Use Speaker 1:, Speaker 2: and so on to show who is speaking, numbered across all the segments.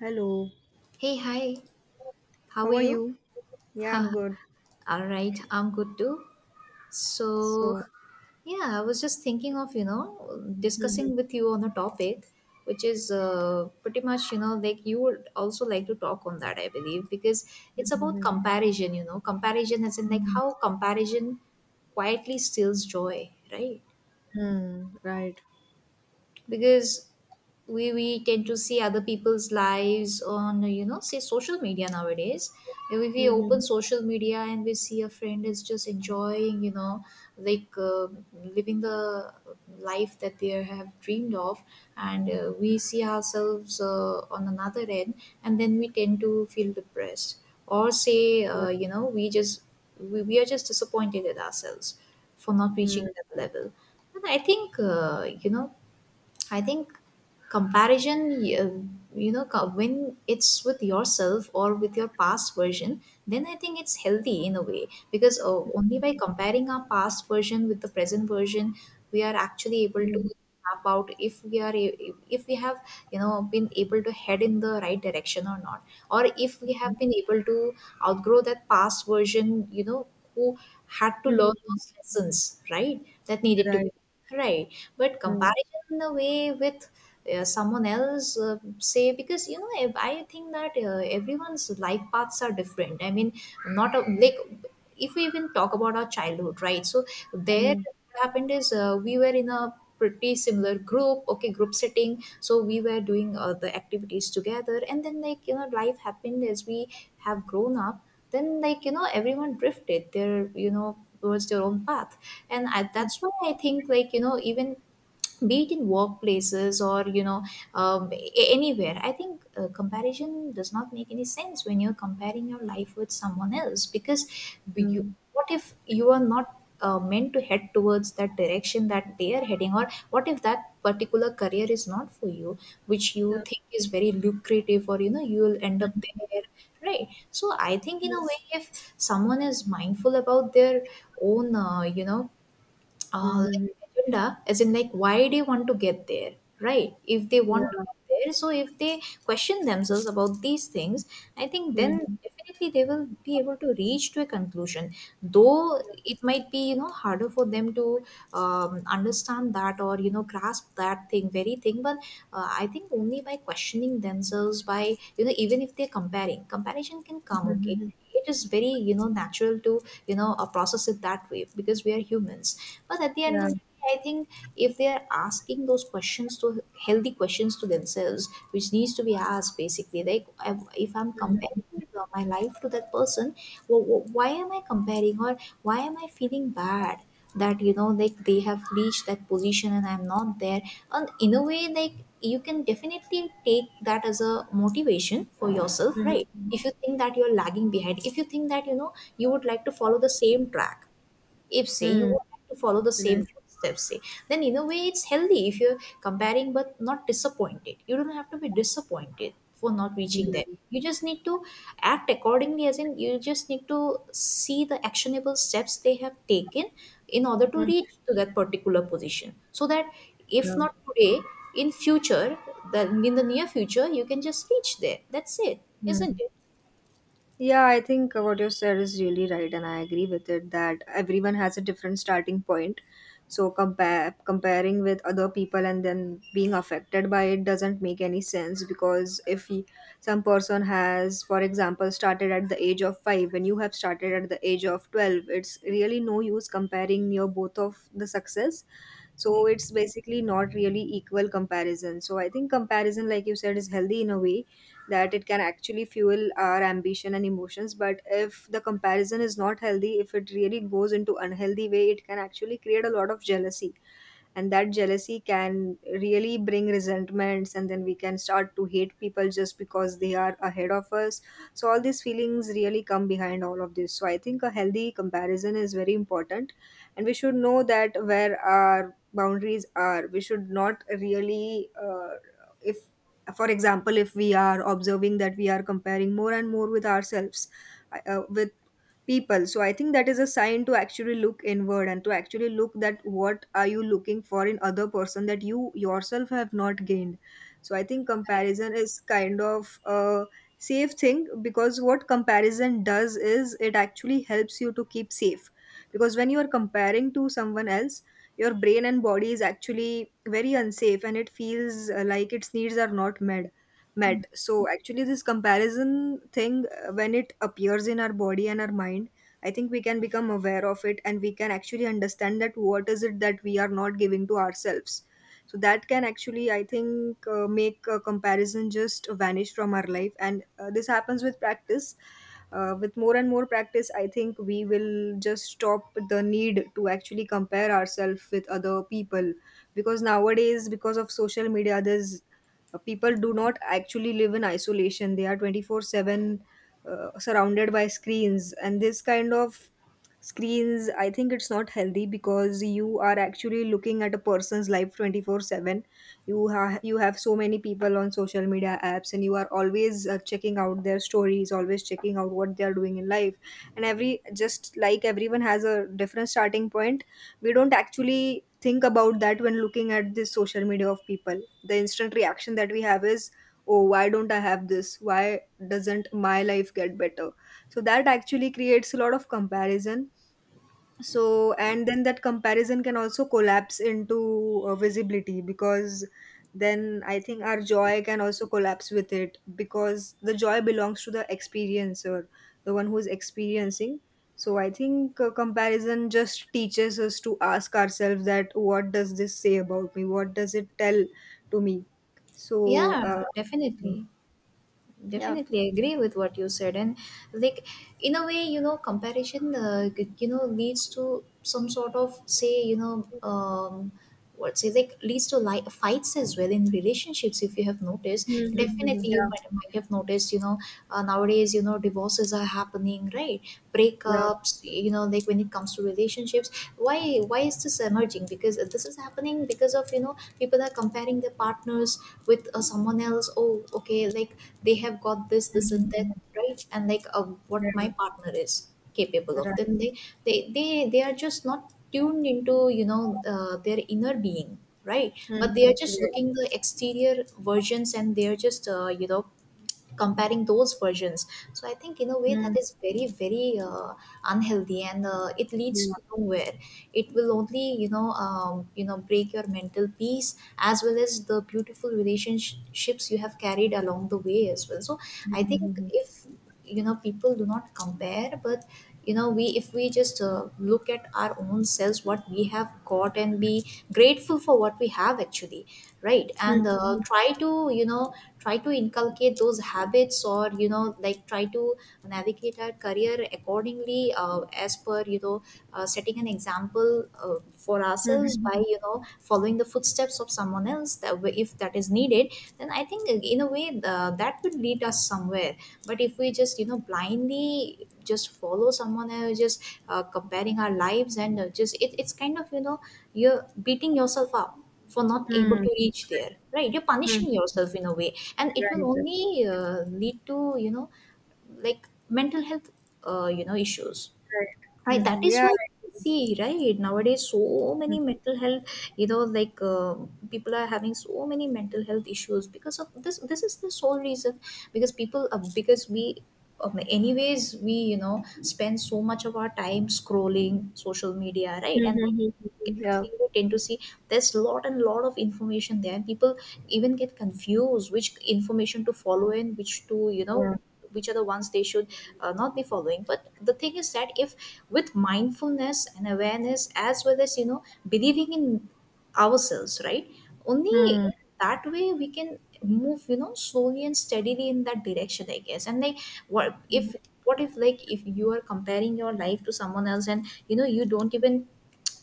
Speaker 1: Hello,
Speaker 2: Hey, hi. How
Speaker 1: how
Speaker 2: are
Speaker 1: are
Speaker 2: you?
Speaker 1: you? Yeah,
Speaker 2: All
Speaker 1: I'm good.
Speaker 2: right, I'm good too. So,
Speaker 1: So,
Speaker 2: yeah, I was just thinking of,
Speaker 1: mhm,
Speaker 2: discussing with you on a topic which is pretty much, like you would also like to talk on that, I believe, because
Speaker 1: mhm,
Speaker 2: it's about
Speaker 1: mhm,
Speaker 2: comparison, comparison as in like
Speaker 1: mhm,
Speaker 2: how comparison quietly steals joy, right?
Speaker 1: mhm, right.
Speaker 2: Because we tend to see other people's lives on say social media nowadays. If we open
Speaker 1: Mhm,
Speaker 2: social media and we see a friend is just enjoying, like uh, living the life that they have dreamed of, and we see ourselves on another end, and then we tend to feel depressed, or say we just we are just disappointed at ourselves for not
Speaker 1: mhm,
Speaker 2: reaching that level. And I think I think comparison, when it's with yourself or with your past version, then I think it's healthy in a way, because only by comparing our past version with the present version, we are actually able to
Speaker 1: mhm,
Speaker 2: map out if if we have, you know, been able to head in the right direction or not, or if we have been able to outgrow that past version, you know, who had to learn
Speaker 1: mhm,
Speaker 2: those lessons, right, that needed to be.
Speaker 1: right.
Speaker 2: Right. But
Speaker 1: Mhm,
Speaker 2: comparison in a way with someone else, say, because, I think that everyone's life paths are different. I mean, not a, like if we even talk about our childhood, right? So there,
Speaker 1: mhm,
Speaker 2: what happened is, we were in a pretty similar group, okay, group setting. So we were doing the activities together, and then, like, you know, life happened as we have grown up. Then, like, you know, everyone drifted their, you know, towards their own path. That's why I think, like, you know, even be it in workplaces or, you know, anywhere, I think comparison does not make any sense when you're comparing your life with someone else, because you,
Speaker 1: mhm,
Speaker 2: what if you are not meant to head towards that direction that they are heading, or what if that particular career is not for you, which you
Speaker 1: yeah.
Speaker 2: think is very lucrative, or, you know, you will end up there, right? So I think in a way, if someone is mindful about their own
Speaker 1: Mhm,
Speaker 2: like agenda, as in like why they want to get there, right? If they
Speaker 1: yeah.
Speaker 2: want to get there, so if they question themselves about these things, I think then
Speaker 1: Mhm,
Speaker 2: definitely they will be able to reach to a conclusion, though it might be, you know, harder for them to understand that or, you know, grasp that thing very thing. But I think only by questioning themselves, by, you know, even if they're comparing, comparison can come. Okay,
Speaker 1: mhm,
Speaker 2: it is very, you know, natural to, process it that way, because we are humans. But at the end
Speaker 1: yeah.
Speaker 2: of the day, I think if they are asking those questions to healthy questions to themselves, which needs to be asked, basically, like, if I'm
Speaker 1: Mhm,
Speaker 2: comparing my life to that person, why am I comparing, or why am I feeling bad? That, you know, like they have reached that position and I'm not there. And in a way, like, you can definitely take that as a motivation for yourself,
Speaker 1: mhm,
Speaker 2: right? If you think that you're lagging behind, if you think that, you know, you would like to follow the same track, if, say, you
Speaker 1: mhm,
Speaker 2: would like to follow the
Speaker 1: right.
Speaker 2: same footsteps, say, then in a way it's healthy if you're comparing, but not disappointed. You don't have to be disappointed for not reaching there. You just need to act accordingly, as in you just need to see the actionable steps they have taken in order to reach to that particular position, so that if
Speaker 1: Yeah.
Speaker 2: not today, in future, then in the near future you can just reach there. That's it,
Speaker 1: Mhm, yeah.
Speaker 2: isn't it?
Speaker 1: Yeah, I think what you said is really right, and I agree with it that everyone has a different starting point. So compare comparing with other people and then being affected by it doesn't make any sense, because if he, some person has, for example, started at the age of 5, and you have started at the age of 12, it's really no use comparing your both of the success. So
Speaker 2: Correct.
Speaker 1: it's basically not really equal comparison. So I think comparison, like you said, is healthy in a way, that it can actually fuel our ambition and emotions. But if the comparison is not healthy, if it really goes into unhealthy way, it can actually create a lot of jealousy, and that jealousy can really bring resentments, and then we can start to hate people just because they are ahead of us. So all these feelings really come behind all of this, so I think a healthy comparison is very important, and we should know that where our boundaries are. We should not really, if, for example, if we are observing that we are comparing more and more with ourselves, with people, so I think that is a sign to actually look inward, and to actually look that what are you looking for in other person that you yourself have not gained. So I think
Speaker 2: Correct.
Speaker 1: comparison is kind of a safe thing, because what comparison does is it actually helps you to keep safe. Because when you are comparing to someone else, your brain and body is actually very unsafe, and it feels like its needs are not met. So actually this comparison thing, when it appears in our body and our mind, I think we can become aware of it, and we can actually understand that what is it that we are not giving to ourselves. So that can actually, I think, make a comparison just vanish from our life. And this happens with practice. With more and more practice, I think we will just stop the need to actually compare ourselves with other people. Because nowadays, because of social media, there's, people do not actually live in isolation, they are 24/7 surrounded by screens, and this kind of screens, I think it's not healthy, because you are actually looking at a person's life 24/7. You have so many people on social media apps, and you are always checking out their stories, always checking out what they are doing in life. And every, just like everyone has a different starting point, we don't actually think about that when looking at this social media of people. The instant reaction that we have is, oh, why don't I have this, why doesn't my life get better? So that actually creates a lot of comparison. So, and then that comparison can also collapse into visibility, because then I think our joy can also collapse with it, because the joy belongs to the experiencer, the one who's experiencing. So I think comparison just teaches us to ask ourselves that what does this say about me, what does it tell to me. So
Speaker 2: Yeah,
Speaker 1: uh,
Speaker 2: definitely.
Speaker 1: yeah
Speaker 2: Definitely agree with what you said. And like, in a way, you know, comparison you know, leads to some sort of, say, you know, what say like, leads to like fights as well in relationships, if you have noticed.
Speaker 1: Mhm, mhm,
Speaker 2: Definitely, you might have noticed, you know, nowadays, you know, divorces are happening, right?
Speaker 1: yeah, yeah.
Speaker 2: Breakups, you know, like when it comes to relationships. Why is this emerging? Because this is happening because of, you know, people are comparing their partners with someone else. Oh, okay, like, they have got this, this, and
Speaker 1: Mhm,
Speaker 2: that,
Speaker 1: mhm,
Speaker 2: right? And like, what
Speaker 1: mhm,
Speaker 2: my partner is capable of, then they they are just not tuned into, their inner being, right? But they are just looking the exterior versions, and they are just, comparing those versions. So I think in a way that is very very unhealthy, and it leads to nowhere. It will only, break your mental peace as well as the beautiful relationships you have carried along the way as well. So I think if, you know, people do not compare, but, you know, we, if we just look at our own selves, what we have got, and be grateful for what we have, actually, right?
Speaker 1: right.
Speaker 2: And try to, you know, try to inculcate those habits, or, you know, like, try to navigate our career accordingly, as per, you know, setting an example for ourselves by, you know, following the footsteps of someone else that way, if that is needed, then I think in a way that would lead us somewhere. But if we just, you know, blindly just follow someone else, just comparing our lives, and just it's kind of, you know, you're beating yourself up for not able to reach there, right? You're
Speaker 1: Mm-hmm.
Speaker 2: punishing yourself in a way, and it will
Speaker 1: Right.
Speaker 2: only lead to, you know, like mental health, issues. I
Speaker 1: Great.
Speaker 2: That
Speaker 1: Mm,
Speaker 2: is
Speaker 1: yeah.
Speaker 2: why you see, right, nowadays so
Speaker 1: Mhm,
Speaker 2: many mental health, you know like uh, people are having so many mental health issues because of this. This is the sole reason, because people because we, anyways, we, you know, spend so much of our time scrolling social media, right?
Speaker 1: mhm,
Speaker 2: And like,
Speaker 1: mhm. Mhm, mhm, mhm. Right. Right. Right. Mhm. Yeah. Mhm, mhm, mhm.
Speaker 2: get to
Speaker 1: Yeah.
Speaker 2: see we tend to see there's lot and lot of information there. People even get confused which information to follow and which to, you
Speaker 1: Yeah.
Speaker 2: know, which are the ones they should not be following. But the thing is that if with mindfulness and awareness, as well as, you know, believing in ourselves, right, only
Speaker 1: Mm,
Speaker 2: that way we can move, you know, slowly and steadily in that direction, I guess. And like, what
Speaker 1: mhm, mhm.
Speaker 2: if what if, like, if you are comparing your life to someone else, and you know you don't even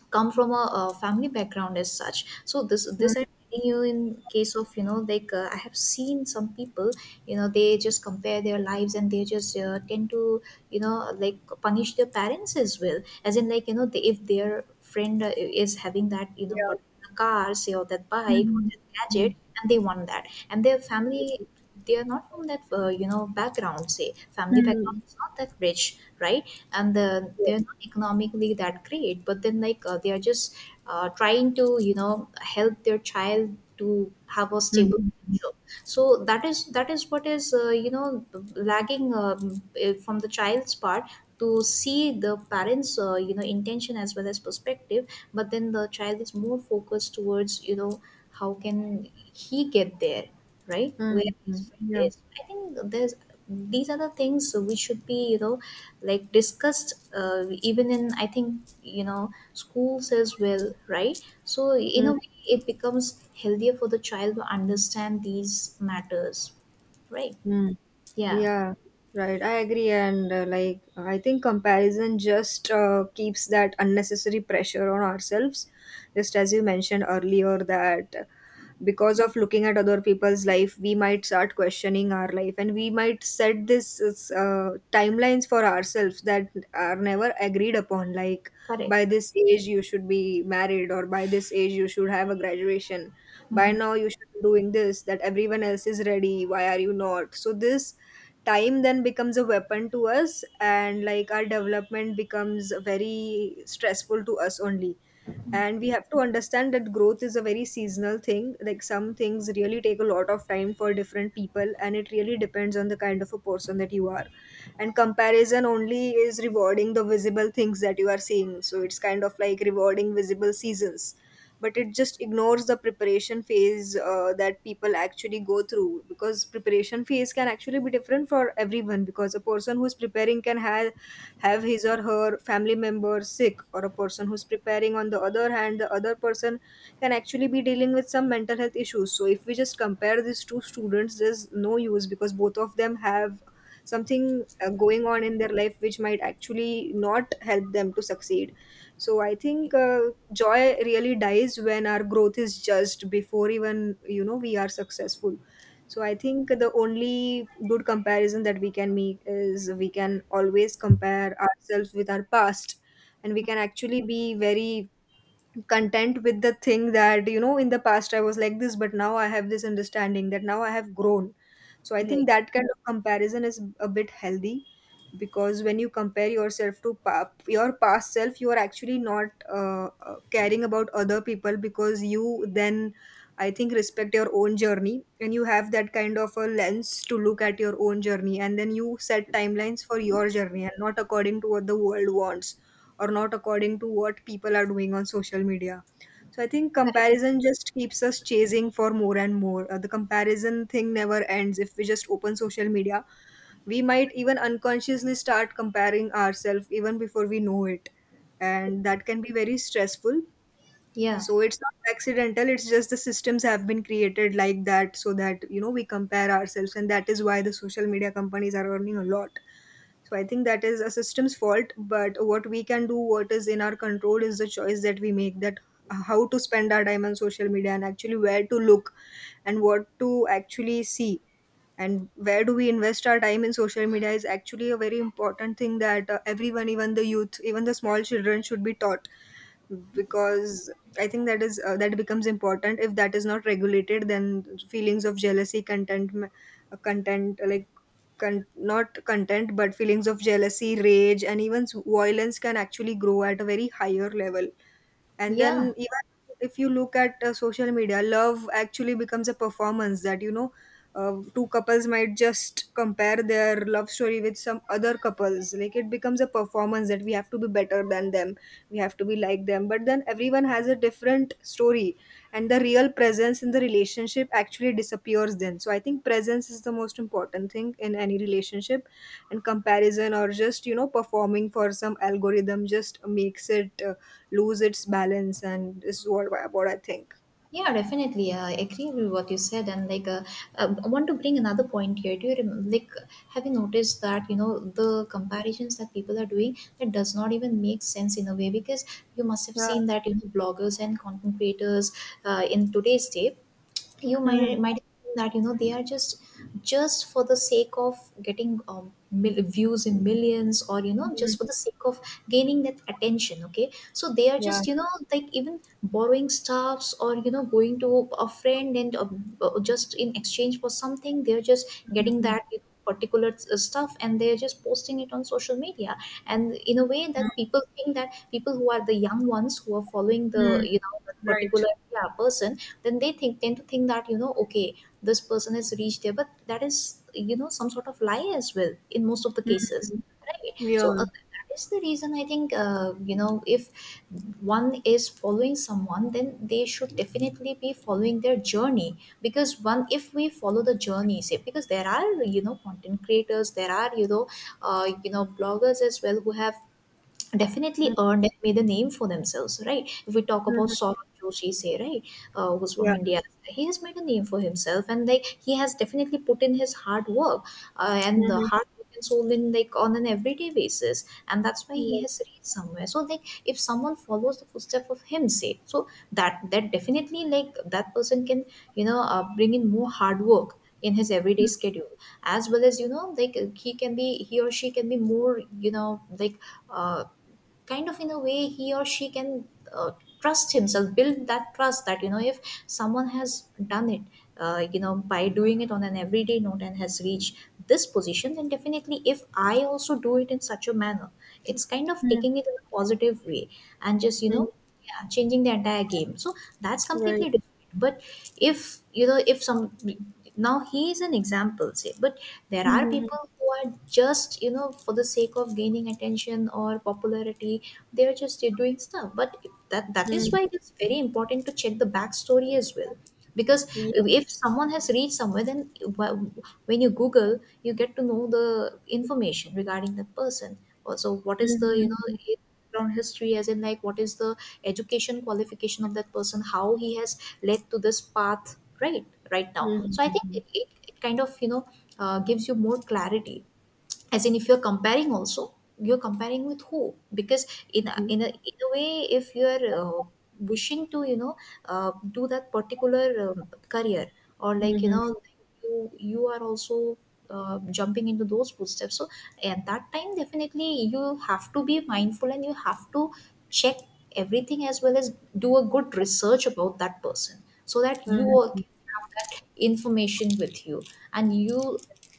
Speaker 2: come from a family background as such. So this I'm telling you in case of, you know, like, I have seen some people, you know, they just compare their lives, and they just tend to, you know, like, punish their parents as well, as in like, you know, if their friend is having that, you know,
Speaker 1: Yeah.
Speaker 2: particular car, say, or that bike, or that gadget, and they want that, and their family, they are not from that you know, background, say family background is not that rich, right? And they're not economically that great. But then like, they are just trying to, you know, help their child to have a stable
Speaker 1: Mhm,
Speaker 2: future. So that is what is, lagging, from the child's part, to see the parents, intention as well as perspective. But then the child is more focused towards, you know, how can he get there, right,
Speaker 1: mhm, mhm. Yeah.
Speaker 2: where
Speaker 1: Mhm,
Speaker 2: his
Speaker 1: mhm, mhm.
Speaker 2: friend
Speaker 1: Yeah.
Speaker 2: is. I think there's, these are the things which should be, you know, like, discussed, even in, I think, you know, schools as well, right? So in a way, it becomes healthier for the child to understand these matters, right?
Speaker 1: Mhm.
Speaker 2: Yeah,
Speaker 1: Yeah, right. I agree. And like, I think comparison just keeps that unnecessary pressure on ourselves. Just as you mentioned earlier, that because of looking at other people's life, we might start questioning our life, and we might set this timelines for ourselves that are never agreed upon. Like,
Speaker 2: correct.
Speaker 1: by this age you should be married, or by this age you should have a graduation. By
Speaker 2: Hmm.
Speaker 1: now, you should be doing this, that everyone else is ready. Why are you not? So, this time then becomes a weapon to us, and like our development becomes very stressful to us only. And we have to understand that growth is a very seasonal thing, like some things really take a lot of time for different people, and it really depends on the kind of a person that you are. And comparison only is rewarding the visible things that you are seeing, so it's kind of like rewarding visible seasons, but it just ignores the preparation phase that people actually go through. Because preparation phase can actually be different for everyone, because a person who's preparing can have his or her family member sick, or a person who's preparing on the other hand, the other person can actually be dealing with some mental health issues. So if we just compare these two students, there's no use because both of them have something going on in their life which might actually not help them to succeed. So I think joy really dies when our growth is judged before even, you know, we are successful. So I think the only good comparison that we can make is we can always compare ourselves with our past, and we can actually be very content with the thing that, you know, in the past I was like this, but now I have this understanding that now I have grown. So I think
Speaker 2: Correct.
Speaker 1: that kind of comparison is a bit healthy. Because when you compare yourself to your past self, you are actually not caring about other people, because you then, I think, respect your own journey, and you have that kind of a lens to look at your own journey, and then you set timelines for your journey and not according to what the world wants, or not according to what people are doing on social media. So I think
Speaker 2: Correct.
Speaker 1: comparison just keeps us chasing for more and more. The comparison thing never ends. If we just open social media, we might even unconsciously start comparing ourselves even before we know it. And that can be very stressful.
Speaker 2: Yeah.
Speaker 1: So it's not accidental, it's just the systems have been created like that, so that, you know, we compare ourselves. And that is why the social media companies are earning a lot. So I think that is a system's fault, but what we can do, what is in our control, is the choice that we make, that how to spend our time on social media, and actually where to look, and what to actually see, and where do we invest our time in social media is actually a very important thing that everyone, even the youth, even the small children, should be taught. Because I think that is that becomes important. If that is not regulated, then feelings of jealousy, content like con- not content, but feelings of jealousy, rage, and even violence can actually grow at a very higher level. And then
Speaker 2: Yeah.
Speaker 1: even if you look at social media, love actually becomes a performance, that, you know, two couples might just compare their love story with some other couples, like it becomes a performance that we have to be better than them, we have to be like them. But then everyone has a different story, and the real presence in the relationship actually disappears then. So I think presence is the most important thing in any relationship, and comparison, or just, you know, performing for some algorithm, just makes it lose its balance, and this is what what I think.
Speaker 2: Yeah, definitely. I agree with what you said. And like, I want to bring another point here. Do you rem- like have you noticed that the comparisons that people are doing that does not even make sense in a way? Because you must have
Speaker 1: Yeah.
Speaker 2: seen that bloggers and content creators in today's day, you
Speaker 1: Hmm.
Speaker 2: might think that they are just for the sake of getting views in millions, or
Speaker 1: Hmm.
Speaker 2: just for the sake of gaining that attention. Okay, so they are
Speaker 1: Yeah.
Speaker 2: just like even borrowing stuffs, or going to a friend and just in exchange for something, they're just getting
Speaker 1: Hmm.
Speaker 2: that particular stuff and they're just posting it on social media. And in a way
Speaker 1: Hmm.
Speaker 2: that people think that people who are the young ones, who are following the
Speaker 1: Hmm.
Speaker 2: that
Speaker 1: Right.
Speaker 2: particular, yeah, person, then they think tend to think that okay, this person has reached there, but that is some sort of lie as well in most of the cases,
Speaker 1: Hmm.
Speaker 2: right?
Speaker 1: Yeah.
Speaker 2: So that is the reason, I think, if one is following someone, then they should definitely be following their journey. Because one, if we follow the journey, say, because there are content creators, there are bloggers as well who have
Speaker 1: Hmm.
Speaker 2: definitely earned and made a name for themselves, right? If we talk about
Speaker 1: Hmm.
Speaker 2: Saurabh Joshi, say, right, who's from
Speaker 1: Yeah.
Speaker 2: India, he has made a name for himself, and like he has definitely put in his hard work, and the
Speaker 1: Hmm.
Speaker 2: hard work and soul in, like, on an everyday basis, and that's why he
Speaker 1: Yeah.
Speaker 2: has reached somewhere. So like if someone follows the footstep of him, say, so that definitely, like, that person can bring in more hard work in his everyday schedule, as well as like he or she can be more, like, uh, kind of, in a way, he or she can uh, trust himself, build that trust, that if someone has done it, by doing it on an everyday note and has reached this position, then definitely if I also do it in such a manner, it's kind of
Speaker 1: Hmm.
Speaker 2: taking it in a positive way and just
Speaker 1: Hmm.
Speaker 2: yeah, changing the entire game. So that's completely
Speaker 1: Right.
Speaker 2: different. But if if some now he is an example, say, but there are
Speaker 1: Hmm.
Speaker 2: people who are just, for the sake of gaining attention or popularity, they're just doing stuff, but that is
Speaker 1: Hmm.
Speaker 2: why it's very important to check the backstory as well. Because if someone has reached somewhere, then when you google, you get to know the information regarding that person, also what is the background history, as in, like, what is the education qualification of that person, how he has led to this path, right? Right now. So
Speaker 1: Hmm.
Speaker 2: I think it kind of, gives you more clarity, as in, if you're comparing, also you're comparing with who. Because in a,
Speaker 1: Hmm.
Speaker 2: in a, in a way, if you're wishing to do that particular career, or like,
Speaker 1: Hmm.
Speaker 2: you are also jumping into those footsteps, so at that time definitely you have to be mindful, and you have to check everything, as well as do a good research about that person, so that you all
Speaker 1: Hmm.
Speaker 2: can have that information with you, and you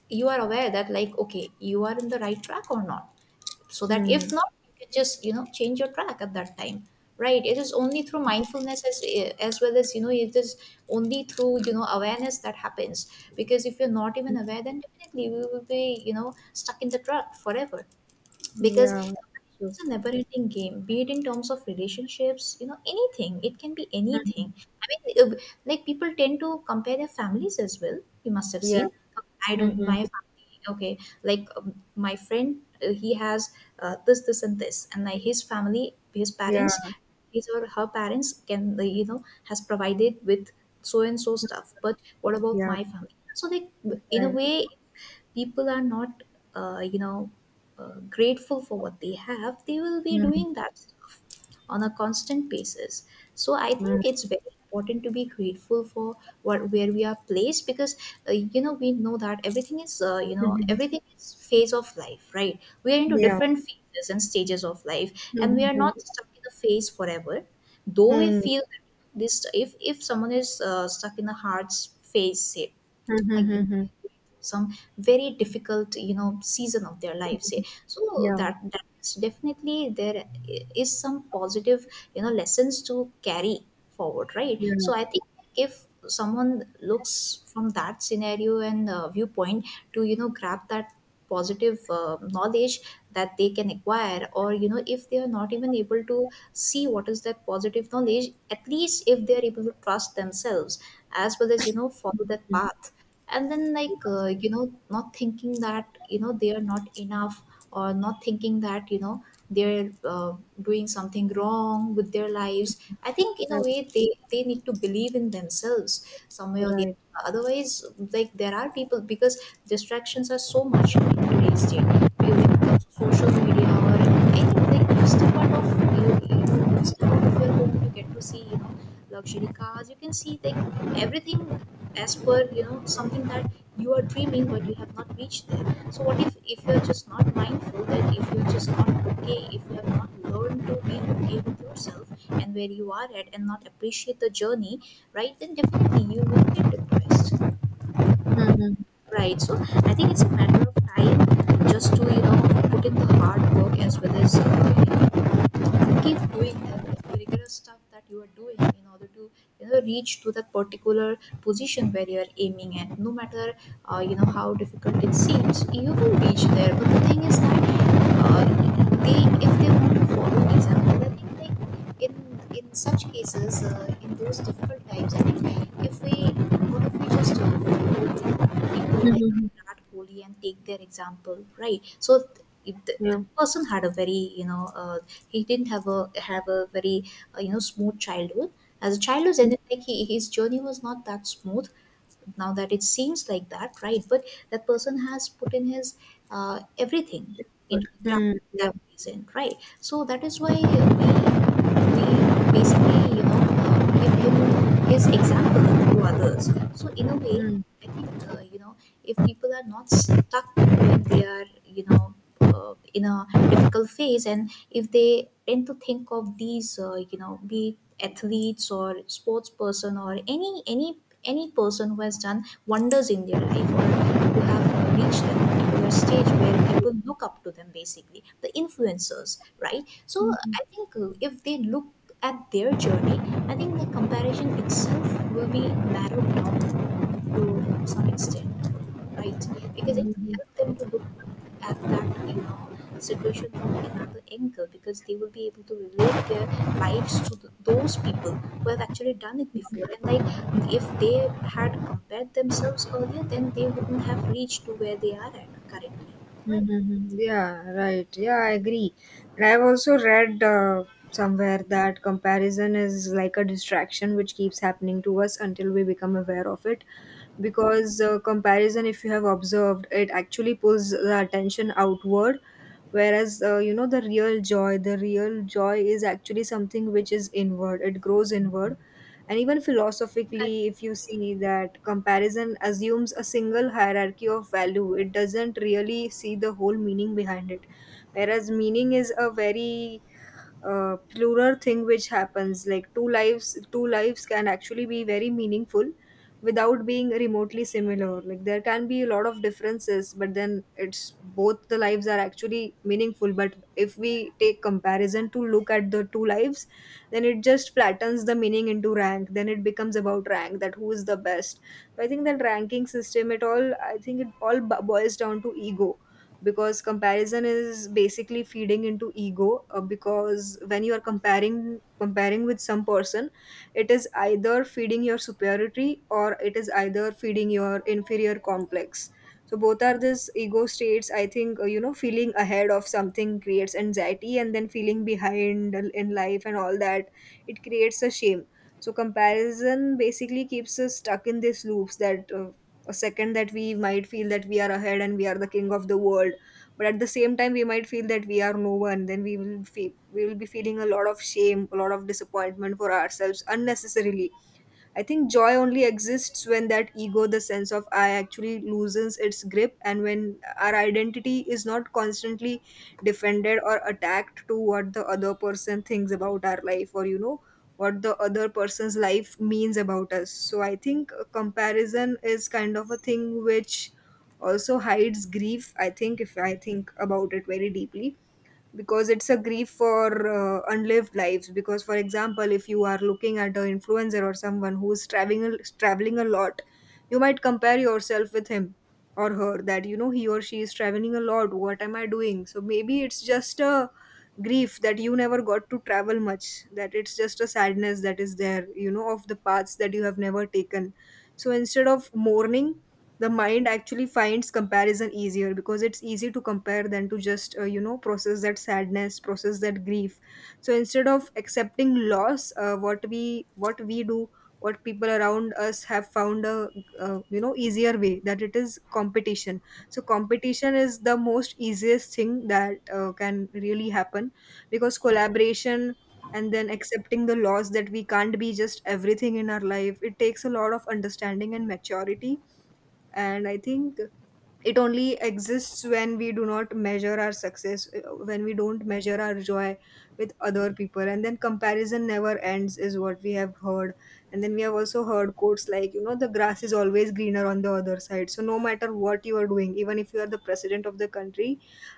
Speaker 2: you are aware that, like, okay, you are in the right track or not, so that if
Speaker 1: Hmm.
Speaker 2: not, you can just, change your track at that time, right? It is only through mindfulness, as well as it is only through awareness that happens. Because if you're not even aware, then definitely we will be, stuck in the truck forever, because
Speaker 1: Yeah. True.
Speaker 2: it's a never ending game, be it in terms of relationships, anything, it can be
Speaker 1: Hmm.
Speaker 2: anything. I mean, like, people tend to compare their families as well, you must have
Speaker 1: Yeah.
Speaker 2: seen. I don't,
Speaker 1: Hmm.
Speaker 2: my family, okay, like, my friend, he has this and this, and like, his family, his
Speaker 1: Yeah.
Speaker 2: parents, his or her parents, can has provided with so and so stuff, but what about
Speaker 1: Yeah.
Speaker 2: my family? So like, in a
Speaker 1: Right.
Speaker 2: way, people are not uh, you know grateful for what they have, they will be
Speaker 1: Hmm.
Speaker 2: doing that stuff on a constant basis. So I
Speaker 1: Hmm.
Speaker 2: think it's very important to be grateful for what, where we are placed. Because we know that everything is,
Speaker 1: Hmm.
Speaker 2: everything is phase of life, right? We are into
Speaker 1: Yeah.
Speaker 2: different phases and stages of life, and we are
Speaker 1: Hmm.
Speaker 2: not stuck in a phase forever, though we
Speaker 1: Hmm.
Speaker 2: feel that this. If someone is stuck in a phase, say,
Speaker 1: Hmm.
Speaker 2: like
Speaker 1: Hmm.
Speaker 2: in
Speaker 1: Hmm.
Speaker 2: some very difficult, season of their lives, so
Speaker 1: Yeah.
Speaker 2: that's definitely there, is some positive, lessons to carry forward, right?
Speaker 1: Yeah.
Speaker 2: So I think if someone looks from that scenario and viewpoint to, grab that positive knowledge that they can acquire, or if they are not even able to see what is that positive knowledge, at least if they are able to trust themselves, as well as follow that path, and then, like, not thinking that they are not enough, or not thinking that they're doing something wrong with their lives, I think in a
Speaker 1: Right.
Speaker 2: way they need to believe in themselves some way or the other.
Speaker 1: Right.
Speaker 2: Otherwise, like, there are people because distractions are so much in today's day. Whether it social media or anything, you step out of you step out of your home, you get to see, luxury cars. You can see like everything as per, something that you are dreaming but you have not reached there. So what if you are just not mindful, that if you are just not okay, if you have not learned to be okay with yourself and where you are at, and not appreciate the journey, right? Then definitely you will get depressed.
Speaker 1: Mhm.
Speaker 2: Right. So I think it's a matter of time, just to, put in the hard work, as well as keep doing that rigorous stuff that you are doing in order to reach to that particular position where you are aiming at, no matter how difficult it seems, you will reach there. But the thing is that, uh, they, if they want to follow example, I think they, in in such cases, in those difficult times, I think if we, what if we just follow people like
Speaker 1: Mhm.
Speaker 2: Virat Kohli and take their example, right? So
Speaker 1: Yeah.
Speaker 2: that person had a very, he didn't have a very smooth childhood, as a child was
Speaker 1: Mm,
Speaker 2: ended, like he, his journey was not that smooth now, that it seems like that, right? But that person has put in his everything
Speaker 1: good.
Speaker 2: into the craft
Speaker 1: Mm,
Speaker 2: that
Speaker 1: yeah.
Speaker 2: he's in, right? So that is why we basically, give him his example to others. So in a way,
Speaker 1: Mm.
Speaker 2: I think, if people are not stuck, when they are, in a difficult phase, and if they tend to think of these, be it athletes or sports person, or any any person who has done wonders in their life, or who have reached a particular stage where people look up to them, basically the influencers, right? So
Speaker 1: Mhm.
Speaker 2: I think, if they look at their journey, I think the comparison itself will be narrowed down to some extent, right? Because it
Speaker 1: Mhm.
Speaker 2: helps them to look, have that, situation from another angle, because they will be able to relate their lives to th those people who have actually done it before. And like, if they had compared themselves earlier, then they wouldn't have reached to where they are at currently,
Speaker 1: Mhm. Yeah, right. Yeah, I agree. And I've also read somewhere that comparison is like a distraction which keeps happening to us until we become aware of it. Because comparison, if you have observed, it actually pulls the attention outward. Whereas, you know, the real joy is actually something which is inward, it grows inward. And even
Speaker 2: right?
Speaker 1: philosophically, if you see that comparison assumes a single hierarchy of value, it doesn't really see the whole meaning behind it. Whereas meaning is a very plural thing which happens, like, two lives, two lives can actually be very meaningful without being remotely similar. Like, there can be a lot of differences, but then it's both the lives are actually meaningful. But if we take comparison to look at the two lives, then it just flattens the meaning into rank. Then it becomes about rank, that who is the best. So I think that ranking system, it all, I think it all boils down to ego, because comparison is basically feeding into ego, because when you are comparing, comparing with some person, it is either feeding your superiority or it is either feeding your inferior complex. So both are this ego states, I think. You know, feeling ahead of something creates anxiety, and then feeling behind in life and all that, it creates a shame. So comparison basically keeps us stuck in these loops, that a second that we might feel that we are ahead and we are the king of the world, but at the same time we might feel that we are no one. Then we will we will be feeling a lot of shame, a lot of disappointment for ourselves unnecessarily. I think joy only exists when that ego, the sense of I, actually loosens its grip, and when our identity is not constantly defended or attacked to what the other person thinks about our life, or, you know, what the other person's life means about us. So I think comparison is kind of a thing which also hides grief, I think, if I think about it very deeply, because it's a grief for unlived lives. Because, for example, if you are looking at an influencer or someone who is traveling traveling a lot, you might compare yourself with him or her, that, you know, he or she is traveling a lot, what am I doing? So maybe it's just a grief that you never got to travel much, that it's just a sadness that is there, you know, of the paths that you have never taken. So instead of mourning, the mind actually finds comparison easier, because it's easy to compare than to just process that sadness, process that grief. So instead of accepting loss, what we do, what people around us have found, a, easier way, that it is competition. So competition is the most easiest thing that can really happen, because collaboration and then accepting the loss that we can't be just everything in our life, it takes a lot of understanding and maturity. And I think it only exists when we do not measure our success, when we don't measure our joy with other people. And then comparison never ends, is what we have heard. And then we have also heard quotes, like, you know, the grass is always greener on the other side. So no matter what you are doing, even if you are the president of the country,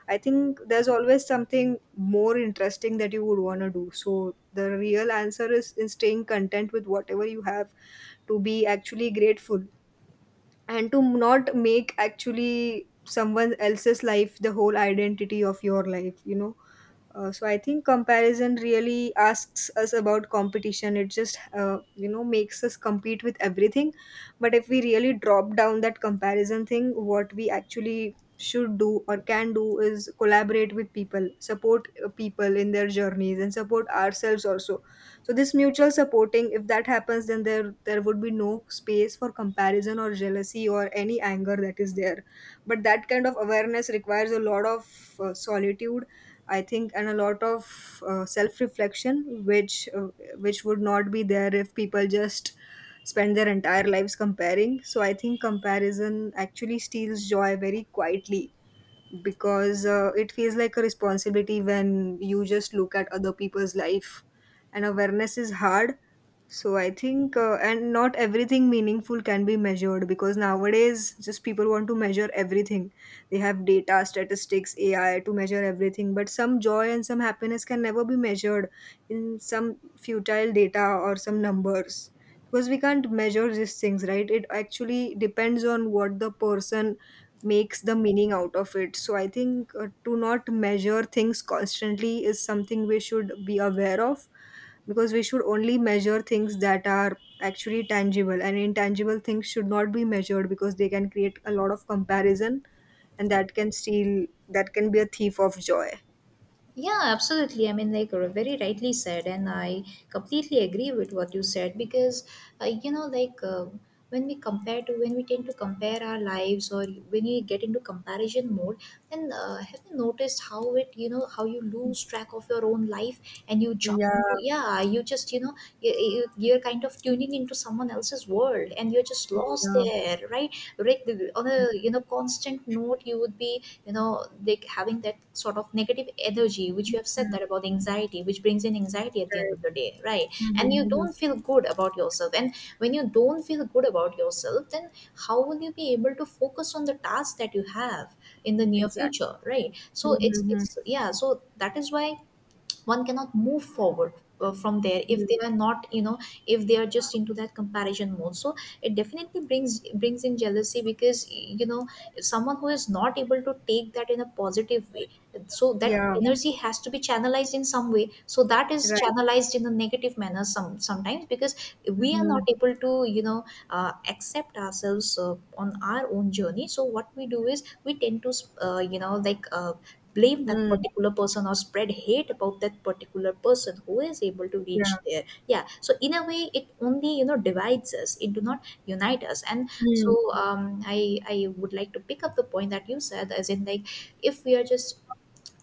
Speaker 1: I think there's always something more interesting that you would want to do. So the real answer is in staying content with whatever you have, to be actually grateful, and to not make actually someone else's life the whole identity of your life, you know. So I think comparison really asks us about competition, it just makes us compete with everything. But if we really drop down that comparison thing, what we actually should do or can do is collaborate with people, support people in their journeys, and support ourselves also. So this mutual supporting, if that happens, then there would be no space for comparison or jealousy or any anger that is there. But that kind of awareness requires a lot of solitude, I think, and a lot of self reflection, which would not be there if people just spend their entire lives comparing. So I think comparison actually steals joy very quietly, because it feels like a responsibility when you just look at other people's life, and awareness is hard. So I think, and not everything meaningful can be measured, because nowadays just people want to measure everything. They have data, statistics, AI to measure everything, but some joy and some happiness can never be measured in some futile data or some numbers, because we can't measure these things, right? It actually depends on what the person makes the meaning out of it. So I think, to not measure things constantly is something we should be aware of, because we should only measure things that are actually tangible, and intangible things should not be measured, because they can create a lot of comparison, and that can steal, that can be a thief of joy.
Speaker 2: Yeah, absolutely. I mean, like, very rightly said, and I completely agree with what you said, because, like, when we compare to, when we tend to compare our lives, or when you get into comparison mode, then have you noticed how it, how you lose track of your own life, and you jump
Speaker 1: Yeah.
Speaker 2: into, yeah, you just, you, you're kind of tuning into someone else's world, and you're just lost
Speaker 1: Yeah.
Speaker 2: there, right? Like, on a constant note, you would be they having that sort of negative energy, which you have said
Speaker 1: Mm,
Speaker 2: that about anxiety, which brings in anxiety at the end
Speaker 1: right.
Speaker 2: of the day, right?
Speaker 1: Mhm,
Speaker 2: And you
Speaker 1: mhm.
Speaker 2: don't feel good about yourself, and when you don't feel good about yourself, then how will you be able to focus on the task that you have in the near
Speaker 1: Exactly.
Speaker 2: future, right? So it's
Speaker 1: Mhm,
Speaker 2: it's yeah, so that is why one cannot move forward from there, if they
Speaker 1: mhm.
Speaker 2: are not, if they are just into that comparison mode. So it definitely brings in jealousy, because someone who is not able to take that in a positive way, so that
Speaker 1: Yeah.
Speaker 2: energy has to be channelized in some way, so that is
Speaker 1: Right.
Speaker 2: channelized in a negative manner sometimes, because we are not
Speaker 1: Mhm.
Speaker 2: able to, accept ourselves on our own journey. So what we do is we tend to, uh, you know like uh, blame that
Speaker 1: Mm,
Speaker 2: particular person, or spread hate about that particular person who is able to
Speaker 1: yeah.
Speaker 2: reach there. Yeah, so in a way it only, divides us, it do not unite us. And so
Speaker 1: Mm,
Speaker 2: I would like to pick up the point that you said, as in, like, if we are just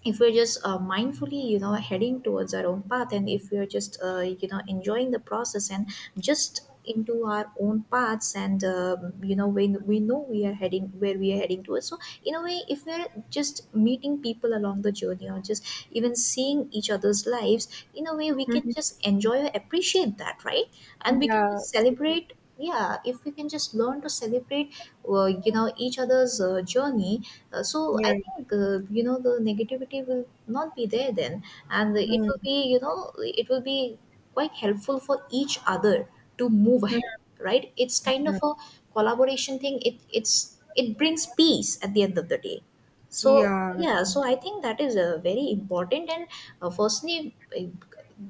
Speaker 2: if we're just mindfully heading towards our own path, and if we're just enjoying the process, and just into our own paths. And when we know, we are heading, where we are heading towards. So, in a way, if we're just meeting people along the journey, or just even seeing each other's lives, in a way we can
Speaker 1: mhm.
Speaker 2: just enjoy or appreciate that, right? And we can
Speaker 1: Yeah.
Speaker 2: just celebrate. Yeah, if we can just learn to celebrate each other's journey, So
Speaker 1: Yeah.
Speaker 2: I think, the negativity will not be there then, and it
Speaker 1: Mm.
Speaker 2: will be, quite helpful for each other to move
Speaker 1: Mm.
Speaker 2: ahead, right? It's kind of
Speaker 1: Yeah.
Speaker 2: a collaboration thing. It brings peace at the end of the day. So
Speaker 1: Yeah.
Speaker 2: yeah, so I think that is a very important, and firstly.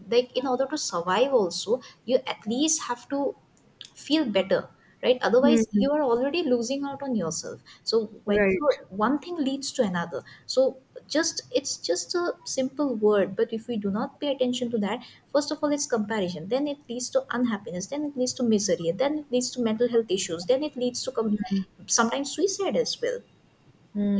Speaker 2: Like in order to survive also, you at least have to feel better, right? Otherwise
Speaker 1: Mm.
Speaker 2: you are already losing out on yourself, so when so
Speaker 1: Right.
Speaker 2: one thing leads to another. So just it's just a simple word, but if we do not pay attention to that, first of all it's comparison, then it leads to unhappiness, then it leads to misery, and then it leads to mental health issues, then it leads to
Speaker 1: Mm.
Speaker 2: sometimes suicide as well.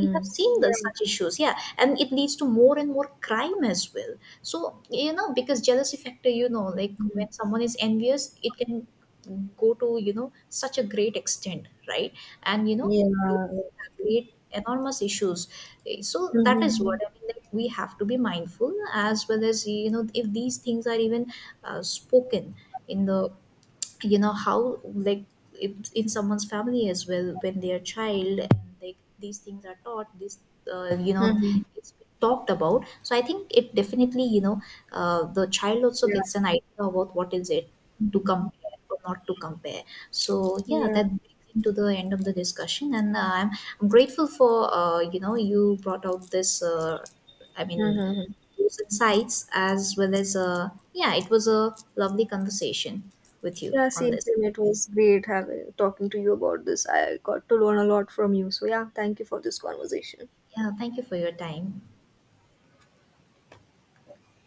Speaker 2: We have seen
Speaker 1: Yeah.
Speaker 2: such issues, yeah, and it leads to more and more crime as well. So, because jealousy factor,
Speaker 1: Mm.
Speaker 2: when someone is envious, it can go to, such a great extent, right? And
Speaker 1: Yeah.
Speaker 2: it
Speaker 1: That's
Speaker 2: can
Speaker 1: true.
Speaker 2: create enormous issues. So that is
Speaker 1: Mm-hmm.
Speaker 2: what I mean, like we have to be mindful, as well as, if these things are even spoken in the you know how like if- in someone's family as well, when they are child, and like these things are taught. This you know
Speaker 1: Mm-hmm.
Speaker 2: It's talked about. So I think it definitely, the child also
Speaker 1: Yeah.
Speaker 2: gets an idea about what is it to compare or not to compare. So yeah,
Speaker 1: Yeah.
Speaker 2: that brings it to the end of the discussion. And I'm grateful for, you brought out this. I mean,
Speaker 1: Mm-hmm.
Speaker 2: those insights, as well as, yeah, it was a lovely conversation with you
Speaker 1: Yeah.
Speaker 2: on
Speaker 1: Same.
Speaker 2: this.
Speaker 1: Same. It was great having talking to you about this. I got to learn a lot from you. So yeah. Thank you for this conversation.
Speaker 2: Yeah, thank you for your time.